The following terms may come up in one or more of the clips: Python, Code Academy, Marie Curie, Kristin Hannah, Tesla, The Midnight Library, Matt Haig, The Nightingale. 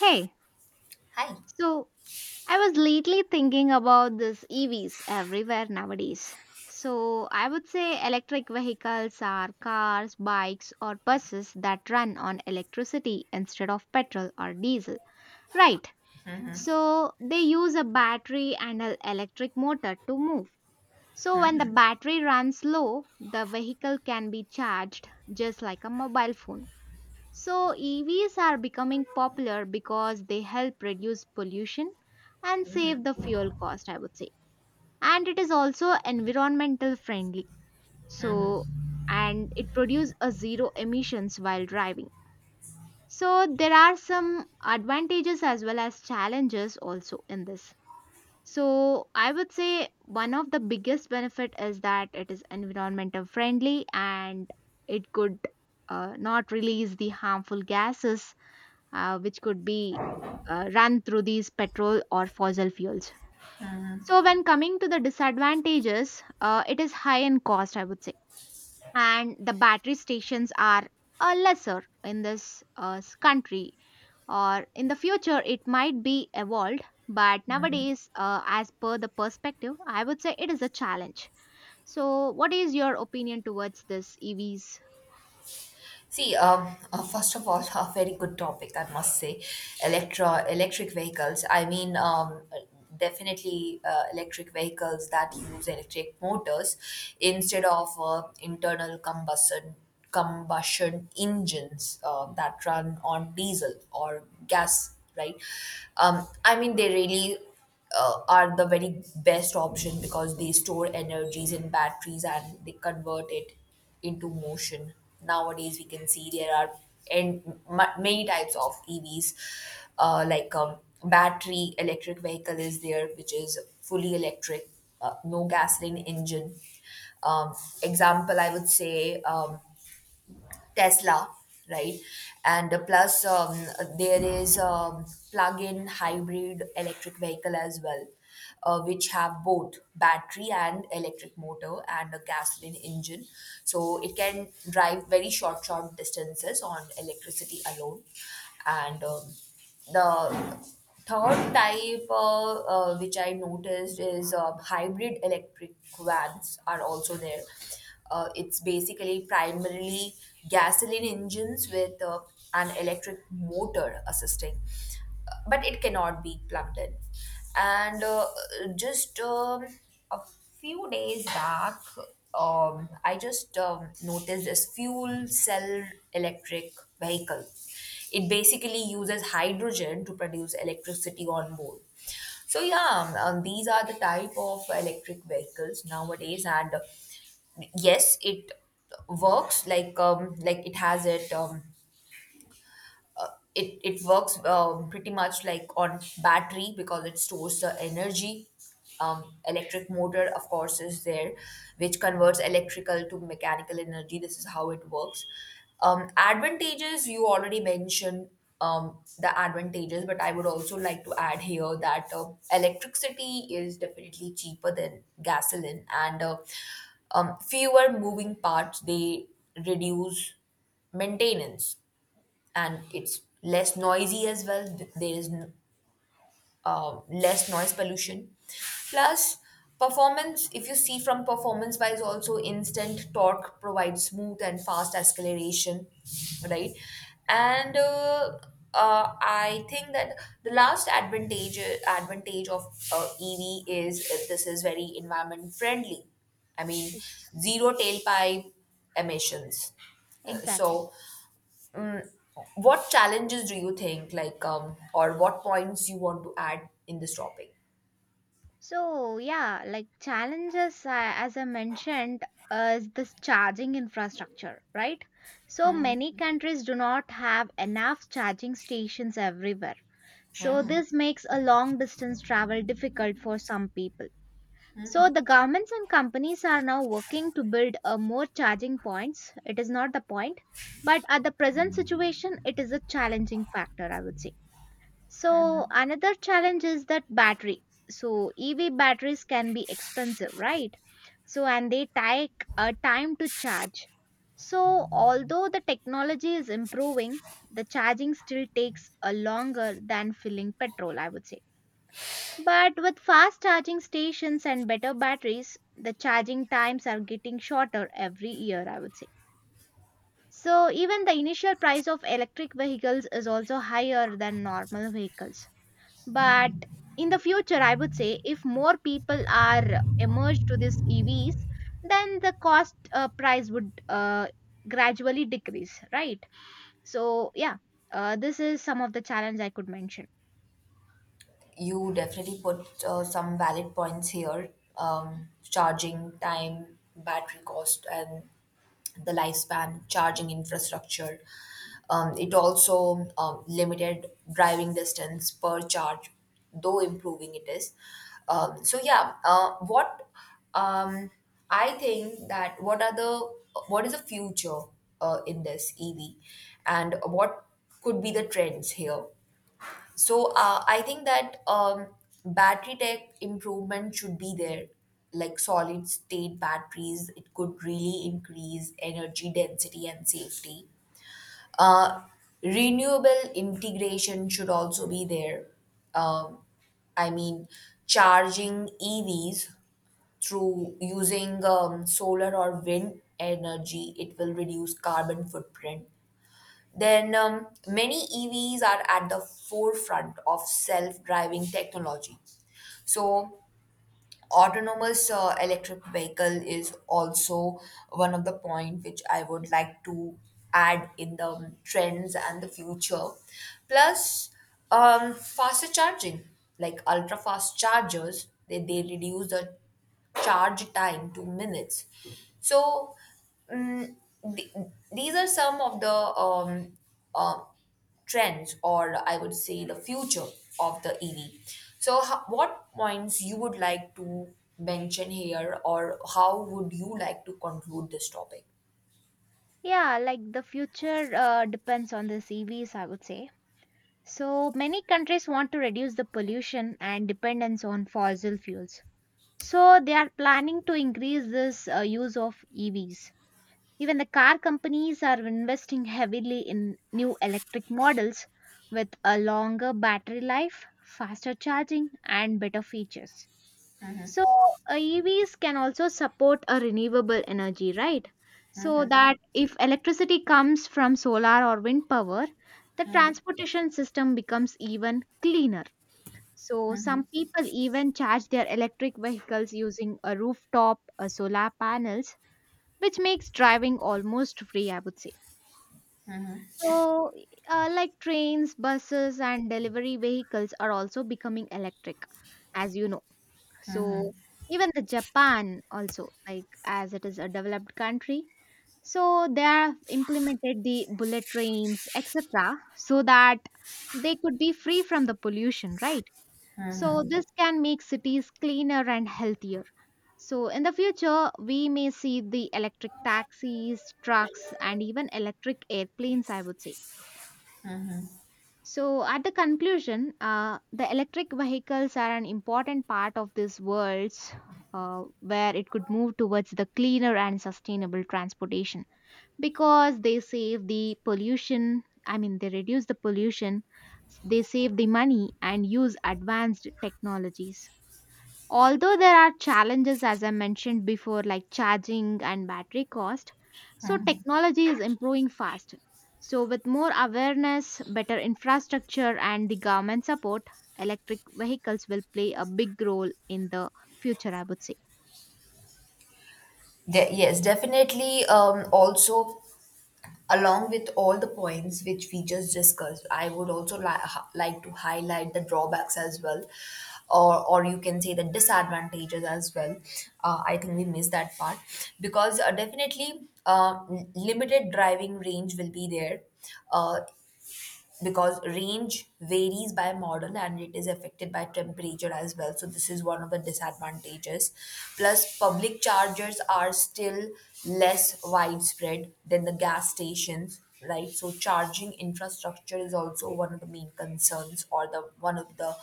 Hey, Hi. so I was lately thinking about this EVs everywhere nowadays. So I would say electric vehicles are cars, bikes, or buses that run on electricity instead of petrol or diesel. Right. So they use a battery and an electric motor to move. So when the battery runs low, the vehicle can be charged just like a mobile phone. So, EVs are becoming popular because they help reduce pollution and save the fuel cost, I would say. And it is also environmental friendly. So, Mm-hmm. and it produces a zero emissions while driving. So, there are some advantages as well as challenges also in this. So, I would say one of the biggest benefit is that it is environmental friendly and it could not release the harmful gases which could be run through these petrol or fossil fuels. Mm-hmm. So, when coming to the disadvantages, it is high in cost, I would say, and the battery stations are lesser in this country. Or in the future, it might be evolved, but nowadays, as per the perspective, I would say it is a challenge. So, what is your opinion towards this EVs? See, first of all, a very good topic, I must say. Electric vehicles. I mean, definitely electric vehicles that use electric motors instead of internal combustion engines that run on diesel or gas, right? I mean, they really are the very best option because they store energies in batteries and they convert it into motion. Nowadays, we can see there are and many types of EVs, like battery electric vehicle is there, which is fully electric, no gasoline engine. Um, Example, I would say. Tesla, right? And plus, there is a plug-in hybrid electric vehicle as well, which have both battery and electric motor and a gasoline engine. So it can drive very short distances on electricity alone, and the third type which I noticed is hybrid electric vans are also there. It's basically primarily gasoline engines with an electric motor assisting, but it cannot be plugged in. And just a few days back, I just noticed this fuel cell electric vehicle. It basically uses hydrogen to produce electricity on board. So yeah, these are the type of electric vehicles nowadays, and yes, it works like it has it. Uh, it it works pretty much like on battery because it stores the energy. Electric motor, of course, is there, which converts electrical to mechanical energy. This is how it works. Advantages you already mentioned the advantages, but I would also like to add here that electricity is definitely cheaper than gasoline, and fewer moving parts. They reduce maintenance, and it's less noisy as well. There is less noise pollution. Plus, performance, if you see from performance wise, also instant torque provides smooth and fast acceleration, right? And I think that the last advantage of EV is this is very environment friendly. I mean, Ex- zero tailpipe emissions. Uh, Exactly. so Mm, what challenges do you think, like, or what points you want to add in this topic? So yeah, like challenges as I mentioned is this charging infrastructure, right? So many countries do not have enough charging stations everywhere. So this makes a long distance travel difficult for some people. So the governments and companies are now working to build a more charging points. It is not the point, but at the present situation, it is a challenging factor, I would say. So another challenge is that battery. So EV batteries can be expensive, right? So and they take a time to charge. So although the technology is improving, the charging still takes a longer than filling petrol, I would say. But with fast charging stations and better batteries, the charging times are getting shorter every year, I would say. So even the initial price of electric vehicles is also higher than normal vehicles. But in the future, I would say if more people are emerged to these EVs, then the cost price would gradually decrease, right? So yeah, this is some of the challenge I could mention. You definitely put some valid points here, charging time, battery cost, and the lifespan, charging infrastructure. It also limited driving distance per charge, though improving it is. Um, so yeah uh, what um, I think that what is the future in this EV, and what could be the trends here? So I think that battery tech improvement should be there, like solid state batteries. It could really increase energy density and safety. Uh, Renewable integration should also be there. Um, I mean, charging EVs through using solar or wind energy, it will reduce carbon footprint. Then many EVs are at the forefront of self-driving technology. So autonomous electric vehicle is also one of the point which I would like to add in the trends and the future. Plus, faster charging, like ultra fast chargers, they reduce the charge time to minutes. So, mm, th- these are some of the uh, trends, or I would say the future of the EV. So, what points you would like to mention here, or how would you like to conclude this topic? Yeah, like the future depends on the EVs, I would say. So many countries want to reduce the pollution and dependence on fossil fuels. So they are planning to increase this use of EVs. Even the car companies are investing heavily in new electric models with a longer battery life, faster charging, and better features. So, EVs can also support a renewable energy, right? So that if electricity comes from solar or wind power, the transportation system becomes even cleaner. So, some people even charge their electric vehicles using a rooftop solar panels which makes driving almost free, I would say. So, like trains, buses, and delivery vehicles are also becoming electric, as you know. So, even the Japan also, like as it is a developed country, so they have implemented the bullet trains, etc., so that they could be free from the pollution, right? So, this can make cities cleaner and healthier. So, in the future, we may see the electric taxis, trucks, and even electric airplanes, I would say. So, at the conclusion, the electric vehicles are an important part of this world where it could move towards the cleaner and sustainable transportation because they save the pollution. I mean, they reduce the pollution, they save the money, and use advanced technologies. Although there are challenges, as I mentioned before, like charging and battery cost, so technology is improving fast. So, with more awareness, better infrastructure, and the government support, electric vehicles will play a big role in the future, I would say. Yes, definitely. Also, along with all the points which we just discussed, I would also like to highlight the drawbacks as well, or you can say the disadvantages as well. I think we missed that part because definitely limited driving range will be there. Uh, because range varies by model and it is affected by temperature as well. So this is one of the disadvantages. Plus, public chargers are still less widespread than the gas stations, right? So charging infrastructure is also one of the main concerns or the one of the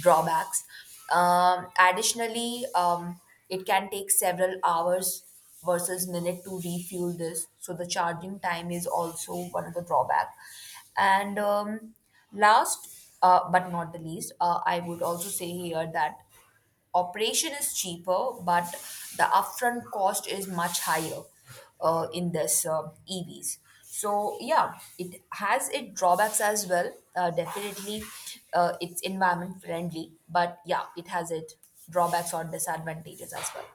drawbacks. Additionally, it can take several hours versus minute to refuel this, so the charging time is also one of the drawback. And last but not the least, I would also say here that operation is cheaper, but the upfront cost is much higher in this EVs. So yeah, it has its drawbacks as well. Definitely, it's environment friendly, but yeah, it has its drawbacks or disadvantages as well.